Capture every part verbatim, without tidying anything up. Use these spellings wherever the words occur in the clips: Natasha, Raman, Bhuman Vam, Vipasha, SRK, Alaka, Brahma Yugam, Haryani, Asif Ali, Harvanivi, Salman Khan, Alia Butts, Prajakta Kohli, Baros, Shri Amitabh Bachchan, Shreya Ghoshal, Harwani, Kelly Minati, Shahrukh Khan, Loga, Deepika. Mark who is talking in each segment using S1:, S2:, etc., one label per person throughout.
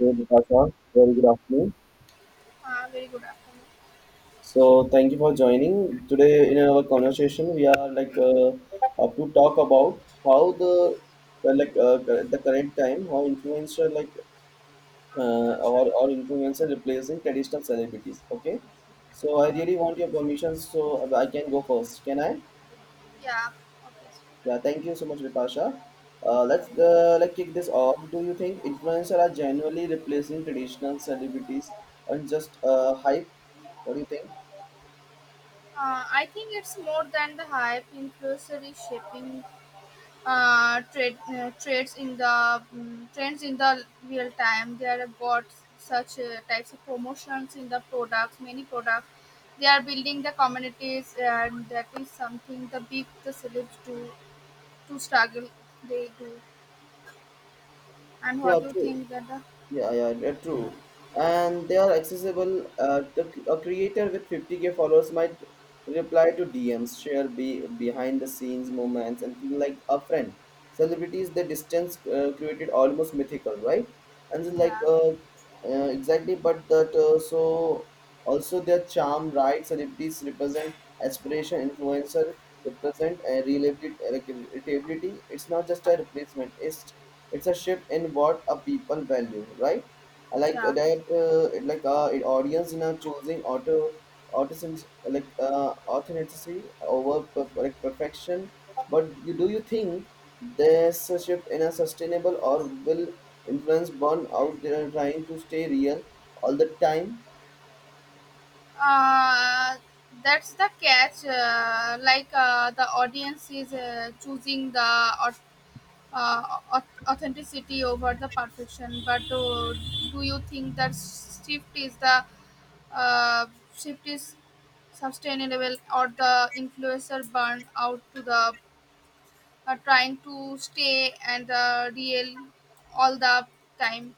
S1: Hey, Natasha. Very good afternoon.
S2: Uh, very good afternoon.
S1: So, thank you for joining. Today, in our conversation, we are like uh, up to talk about how the uh, like uh, cor- the current time how influencer like uh, or or influencer replacing traditional celebrities. Okay. So, I
S2: Uh,
S1: really want your permission, so I can go first. Can I?
S2: yeah, okay.
S1: Yeah. Thank you so much, Vipasha. Uh, let's uh, like kick this off. Do you think influencers are genuinely replacing traditional celebrities on just uh, hype? What do you think?
S2: Uh, I think it's more than the hype. Influencer is shaping uh, trade, uh, trades in the um, trends in the real time. They are got such uh, types of promotions in the products, many products. They are building the communities, and that is something the big the celebs do to struggle. They do, and
S1: Yeah,
S2: what do you
S1: true.
S2: think that the
S1: Yeah, yeah, yeah, true. And they are accessible. Uh, the, a creator with fifty k followers might reply to D Ms, share be, behind the scenes moments, and feel like a friend. Celebrities, the distance uh, created almost mythical, right? And so like
S2: yeah
S1: uh, uh, exactly, but that uh, so also, their charm, right? Celebrities represent aspiration, influencer represent uh, reliabili- relatability. It's not just a replacement. It's it's a shift in what a people value, right? I like that.
S2: yeah
S1: Uh, it like uh, it audience in a choosing auto artisans like uh, authenticity over perf- like perfection. But you, do you think this shift in a sustainable or will influence burn out? They are trying to stay real all the time.
S2: Uh, that's the catch. Uh, like uh, the audience is uh, choosing the au- uh, au- authenticity over the perfection. But do, do you think that shift is the uh, shift is sustainable or the influencer burn out to the uh, trying to stay and the real all the time?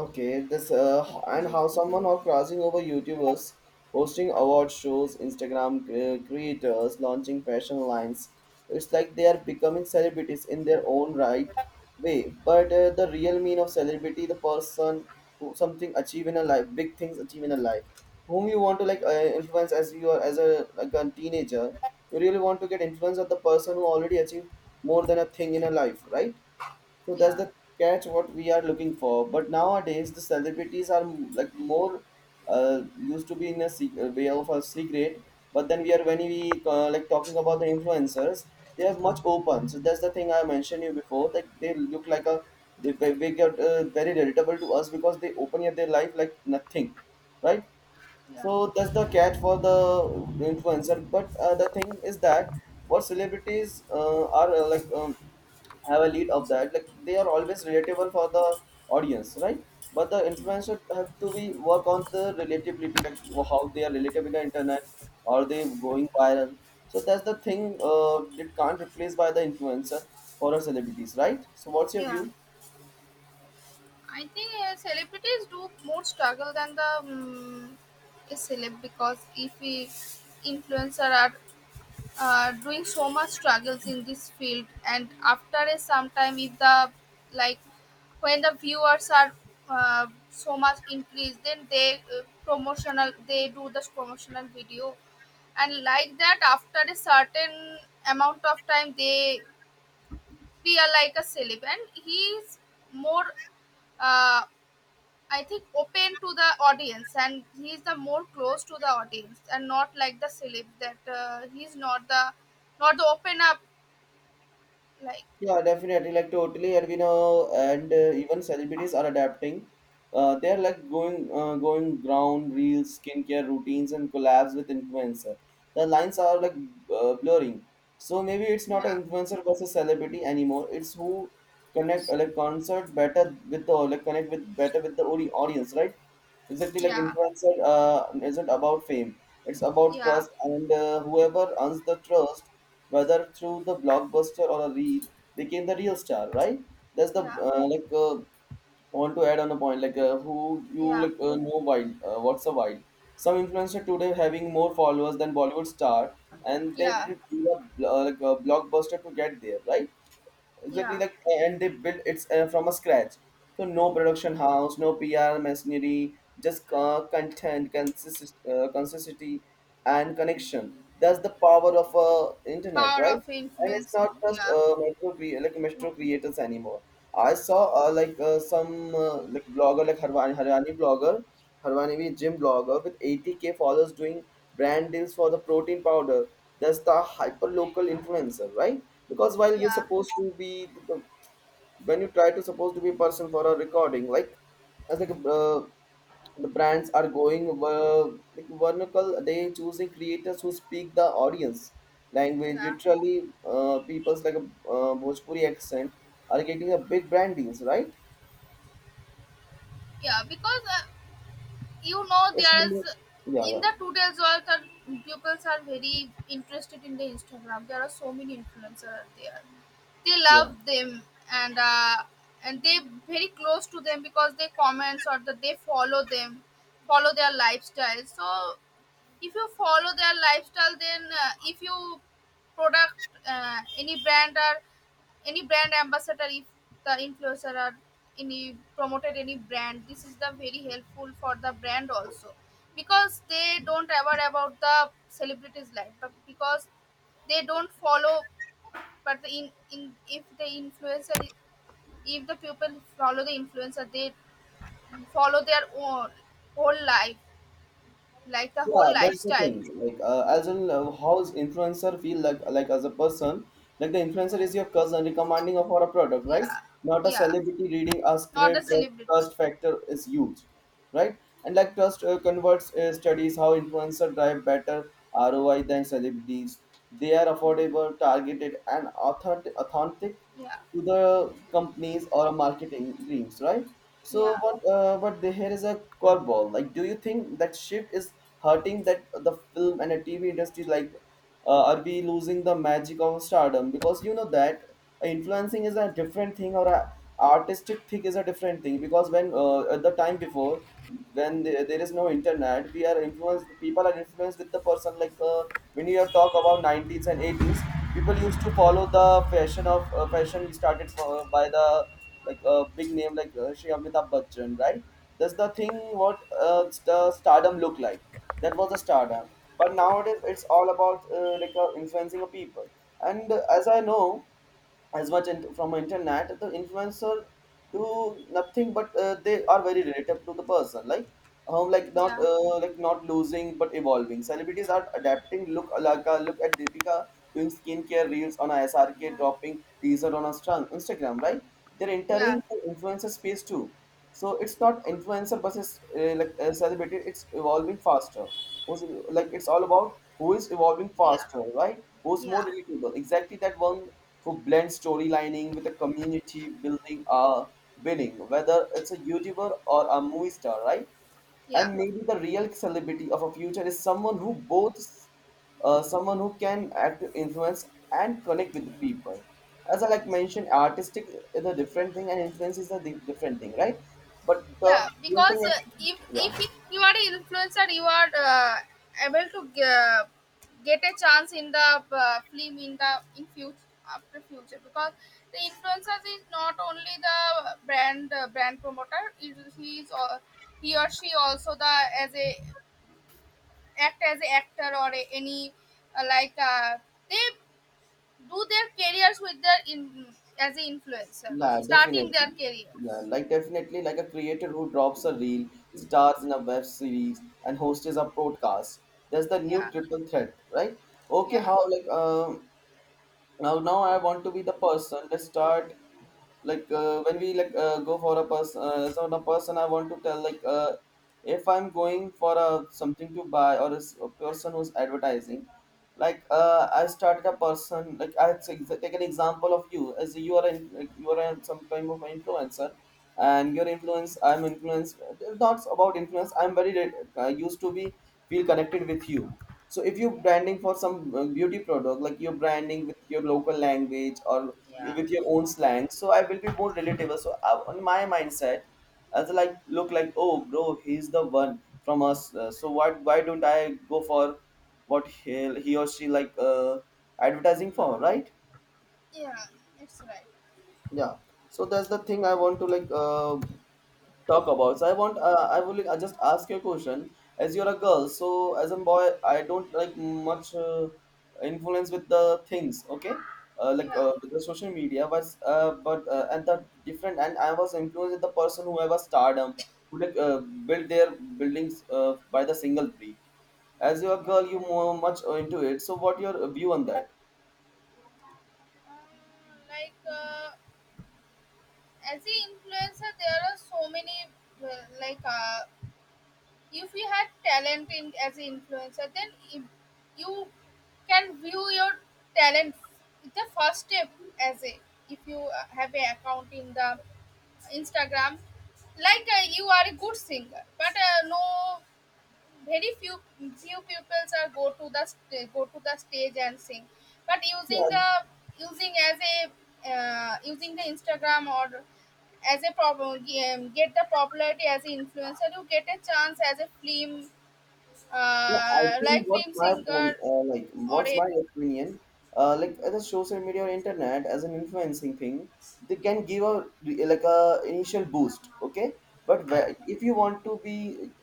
S1: Okay, this uh, h- and how someone are crossing over YouTubers, hosting award shows, Instagram cre- creators, launching fashion lines. It's like they are becoming celebrities in their own right way. But uh, the real mean of celebrity, the person who something achieve in a life, big things achieve in a life, whom you want to like
S2: Yeah,
S1: uh, influence as you are as a like a teenager, you really want to get influence of the person who already achieved more than a thing in a life, right? So that's
S2: yeah,
S1: the catch what we are looking for. But nowadays the celebrities are m- like more uh, used to be in a sec- uh, way of a secret. But then we are when we uh, like talking about the influencers, they are much open. So that's the thing I mentioned you before. Like they look like a they, they they get uh, very relatable to us because they open up their life like nothing, right?
S2: yeah,
S1: So that's the catch for the influencer. But uh, the thing is that what celebrities uh, are uh, like um, have a lead of that. Like they are always relatable for the audience, right? But the influencer have to be work on the relatability, like how they are relatable in the internet, are they going viral? So that's the thing. Uh, it can't replace by the influencer for our celebrities, right? So what's your
S2: yeah.
S1: view?
S2: I think uh, celebrities do more struggle than the um, a celeb because if we influencer are uh, doing so much struggles in this field, and after a some time, if the like when the viewers are uh, so much increased, then they uh, promotional they do this promotional video, and like that after a certain amount of time, they be a, like a celeb, and he is more uh, I think open to the audience, and he is the more close to the audience, and not like the celeb that uh, he's not the not the open up like
S1: Yeah, definitely. Like totally, and we know, and uh, even celebrities are adapting. Uh, they're like going, uh, going ground reels, skincare routines, and collabs with influencer. The lines are like uh, blurring. So maybe it's not
S2: yeah
S1: an influencer versus celebrity anymore. It's who connect uh, like concert better with the like connect with better with the audi- audience, right? Exactly, like
S2: yeah
S1: influencer uh, isn't about fame. It's about
S2: yeah
S1: trust, and uh, whoever earns the trust, whether through the blockbuster or a reel became the real star, right? That's the
S2: yeah
S1: uh, like uh, I want to add on a point like uh, who you
S2: yeah
S1: like uh, know wild. Uh, what's a wild? Some influencer today having more followers than Bollywood star, and they
S2: yeah
S1: didn't do a bl- uh, like a blockbuster to get there, right? Exactly,
S2: yeah
S1: like, and they built it uh, from a scratch, so no production house, no P R machinery, just uh, content consist- uh, consistency and connection. That's the power of uh, internet,
S2: power
S1: right?
S2: of
S1: And it's
S2: influencer
S1: not just
S2: yeah
S1: uh, metro cre- like metro creators anymore. I saw uh, like uh, some uh, like blogger like Harwani, Haryani blogger Harvanivi gym blogger with eighty k followers doing brand deals for the protein powder. That's the hyper local influencer, right? Because while you're
S2: yeah
S1: supposed to be the, the- when you try to supposed to be a person for a recording, like as like a, uh, the brands are going uh, like vernacle, they choosing creators who speak the audience language.
S2: yeah
S1: Literally, uh, people's like a uh, Bhojpuri accent are getting a big brand deals, right?
S2: yeah because uh, you know
S1: It's yeah,
S2: there's in
S1: yeah,
S2: the today's world the pupils are very interested in the Instagram. There are so many influencers there, they
S1: yeah.
S2: love them. And uh, and they very close to them because they comments or that they follow them, follow their lifestyle. So if you follow their lifestyle, then uh, if you product uh, any brand or any brand ambassador, if the influencer or any promoted any brand, this is the very helpful for the brand also, because they don't ever about the celebrities life, but because they don't follow. But the in, in if the influencer, i- if the people follow the influencer, they follow their own whole life, like the whole
S1: Yeah, that's the
S2: lifestyle.
S1: thing. Like, uh, as in, uh, how's influencer feel like? Like as a person, like the influencer is your cousin recommending for a product, right?
S2: Yeah,
S1: Not a
S2: yeah,
S1: celebrity reading a
S2: not the
S1: script. That
S2: celebrity.
S1: trust factor is huge, right? And like trust uh, converts uh, studies how influencer drive better R O I than celebrities. They are affordable, targeted, and authentic, authentic
S2: Yeah,
S1: to the companies or marketing dreams, right? So,
S2: yeah,
S1: what? Uh, but the, here is a curveball. Like, do you think that shift is hurting that the film and the T V industry? Like, uh, are we losing the magic of stardom? Because you know that influencing is a different thing or a artistic thing is a different thing because when uh, at the time before when the, there is no internet we are influenced people are influenced with the person like uh, when you have talk about nineties and eighties people used to follow the fashion of uh, fashion started for, uh, by the like a big name like uh, Shri Amitabh Bachchan, right? That's the thing what uh, the stardom look like. That was the stardom. But nowadays it's all about uh, like uh, influencing a people. And uh, as I know, as much in, from internet, the influencer do nothing but uh, they are very relative to the person like um, like not
S2: yeah,
S1: uh, like not losing but evolving. Celebrities are adapting. Look Alaka. Look at Deepika doing skincare reels on a
S2: yeah,
S1: S R K
S2: yeah,
S1: dropping teaser on a strong Instagram, right? They're
S2: yeah,
S1: entering the influencer space too. So it's not influencer versus uh, like uh, celebrity, it's evolving faster. Who's- like it's all about who is evolving
S2: yeah,
S1: faster, right? Who's more
S2: yeah.
S1: relatable? Exactly, that one who blend storylining with a community building are winning, whether it's a YouTuber or a movie star, right?
S2: Yeah.
S1: And maybe the real celebrity of a future is someone who both uh, someone who can act influence and connect with the people. As I like mentioned, artistic is a different thing and influence is a di- different thing, right? But the
S2: Yeah,
S1: real thing
S2: because uh,
S1: is,
S2: if
S1: yeah.
S2: if it- you are an influencer, you are uh, able to uh, get a chance in the uh, film in the in future after future, because the influencers is not only the brand uh, brand promoter, it, is- he is uh, he or she also the as a act as a actor or a, any uh, like uh, they do their careers with their in as an influencer,
S1: Yeah,
S2: starting their
S1: definitely. Yeah,
S2: careers.
S1: like definitely like a creator who drops a reel, stars in a web series, and hosts a podcast. That's the new
S2: Yeah,
S1: triple threat, right? Okay,
S2: yeah,
S1: how like um now now I want to be the person, let's start. Like uh, when we like uh, go for a person, uh, as on a person, I want to tell like uh, if I'm going for a something to buy or is a person who's advertising like uh, I started a person like i take take an example of you as you are in, like you are in some type of influencer, and your influence I'm influenced. It's not about influence, I'm very uh, used to be feel connected with you. So if you're
S2: yeah,
S1: branding for some uh, beauty product, like you're branding with your local language or
S2: yeah.
S1: with your own slang, so I will be more relatable. So I, on my mindset, as like look like oh bro, he's the one from us. Uh, so what? Why don't I go for what he, he or she like uh, advertising for? Right?
S2: Yeah, it's right.
S1: Yeah. So that's the thing I want to like uh, talk about. So I want, uh, I will I just ask you a question. As you're a girl, so as a boy, I don't like much uh, influence with the things. Okay, uh, like
S2: Yeah,
S1: uh, with the social media was, uh, but uh, and the different, and I was influenced with the person who have a stardom, who like uh, build their buildings uh, by the single brick. As you're a
S2: yeah.
S1: girl, you more much into it. So what your view on that?
S2: Uh, like uh, as a influencer, there are so many well, like uh, if you have talent in as an influencer, then if you can view your talent, the first step as a, if you uh, have an account in the Instagram. Like uh, you are a good singer, but uh, no very few few pupils are go to the st- go to the stage and sing, but using
S1: Yeah,
S2: the using as a uh, using the Instagram or as a problem, get the popularity. As an influencer, you get a chance as a film,
S1: yeah, I
S2: uh,
S1: think
S2: like
S1: what's
S2: film
S1: my
S2: singer
S1: point, uh, like,
S2: or
S1: what's
S2: a
S1: my opinion, uh, like, uh, the social media or internet as an influencing thing, they can give a re- like a initial boost, okay? But
S2: yeah
S1: where- if you want to be,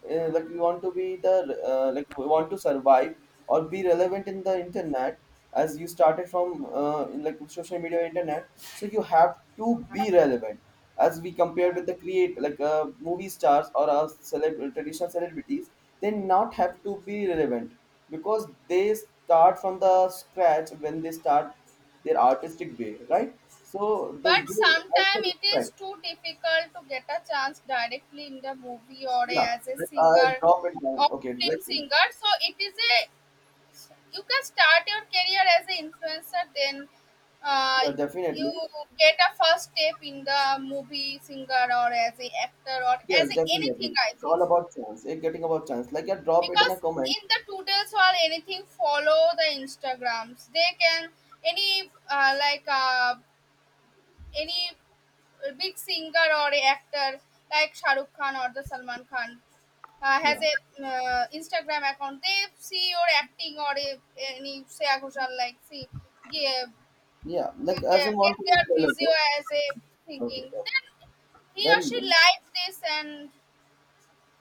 S1: uh, like, you want to be the uh, like, you want to survive or be relevant in the internet, as you started from uh, in, like social media or internet, so you have to be relevant as we compare
S2: yeah
S1: with the create like uh, movie stars or uh, celeb- traditional celebrities. They not have to be relevant because they start from the scratch when they start their artistic way, right? So the
S2: but
S1: they also
S2: sometimes it is
S1: respect.
S2: too difficult to get a chance directly in the movie or a,
S1: Yeah,
S2: as a
S1: like, uh,
S2: singer
S1: drop it down
S2: or
S1: okay
S2: film
S1: like
S2: singer. So it is a, you can start your career as an influencer, then uh,
S1: yeah
S2: you
S1: definitely.
S2: get a first step in the movie singer, or as a actor, or
S1: Yes
S2: as a
S1: definitely,
S2: anything I
S1: it's all
S2: think,
S1: about chance. It getting about chance, like yeah, drop it in a
S2: because
S1: comment.
S2: in the today's or anything follow the Instagrams, they can any uh, like uh, any a big singer or a actor like Shahrukh Khan or the Salman Khan uh, has
S1: Yeah.
S2: a uh, Instagram account. They see your acting or a, any Shreya Ghoshal like see give,
S1: Yeah, like as
S2: get,
S1: in one
S2: get
S1: comment.
S2: their physio
S1: Okay.
S2: as a
S1: Okay.
S2: thinking. Then he or
S1: Very
S2: she
S1: good.
S2: likes this and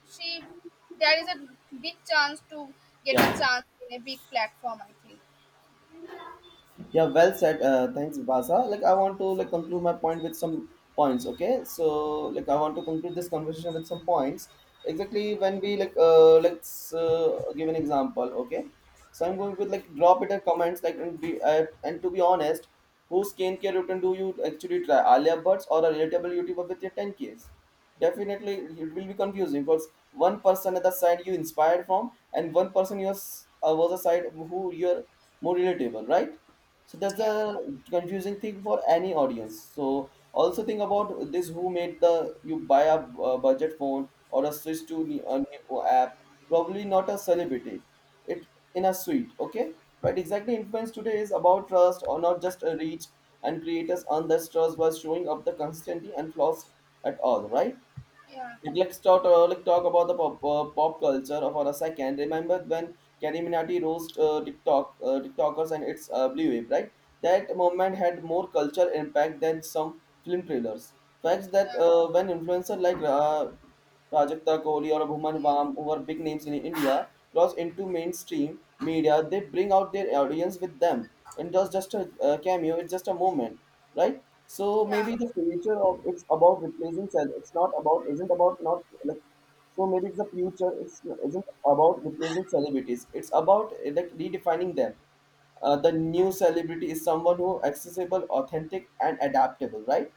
S2: she, there is a big chance to get a
S1: Yeah.
S2: chance in a big platform. I think.
S1: Yeah, well said. Uh, thanks, Vasa. Like, I want to like conclude my point with some points. Okay, so like I want to conclude this conversation with some points. Exactly when we like uh, let's uh, give an example. Okay, so I'm going with like drop it in comments like and be uh, and to be honest, whose skincare routine do you actually try? Alia Butts or a relatable YouTuber with your ten k's? Definitely, it will be confusing because one person at the side you inspired from and one person you are, s- uh, was a side who you're more relatable, right? So that's
S2: Yeah,
S1: a confusing thing for any audience. So also think about this, who made the you buy a uh, budget phone or a switch to ne- a new app? Probably not a celebrity. It in a suite, okay? But exactly, influence today is about trust or not just a reach. And creators earn this trust by showing up the constantly and flaws at all, right?
S2: yeah,
S1: Like, let's talk, uh, like talk about the pop, uh, pop culture for a second. Remember when Kelly Minati roast uh, TikTok, uh, TikTokers and its uh, Blue Wave, right? That moment had more cultural impact than some film trailers. Facts that
S2: yeah,
S1: uh, when influencers like uh, Prajakta Kohli or Bhuman
S2: yeah,
S1: Vam, who are big names in India, cross into mainstream media, they bring out their audience with them. And just just a uh, cameo, it's just a moment, right? So
S2: yeah,
S1: maybe the future of it's about replacing cell. It's not about isn't about not like, so maybe it's the future. It's isn't about replacing celebrities. It's about uh, like redefining them. Uh, the new celebrity is someone who accessible, authentic, and adaptable, right?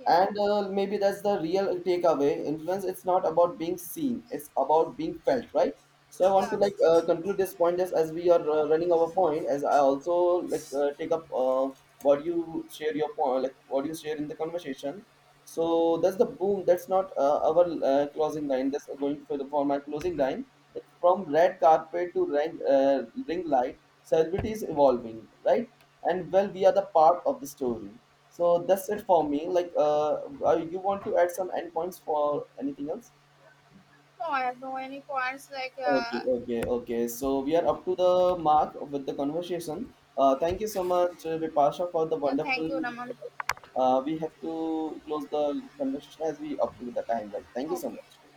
S2: yeah,
S1: And uh, maybe that's the real takeaway, influence it's not about being seen, it's about being felt, right? So I want to
S2: yeah.
S1: like uh, conclude this point just as we are uh, running our point, as I also like uh, take up uh, what you share your point, like what you share in the conversation. So that's the boom. That's not uh, our uh, closing line. That's going for the for my closing line. From red carpet to ring, uh, ring light, celebrity is evolving, right? And well, we are the part of the story. So that's it for me. Like, uh, uh, you want to add some endpoints for anything else?
S2: No, I have no any points like.
S1: Okay,
S2: Uh,
S1: okay, okay. So we are up to the mark with the conversation. Uh, thank you so much, uh, Vipasha, for the
S2: Yeah, thank
S1: wonderful.
S2: you, Raman.
S1: Uh, we have to close the conversation as we up to the time, right? Thank you so much.
S2: Okay.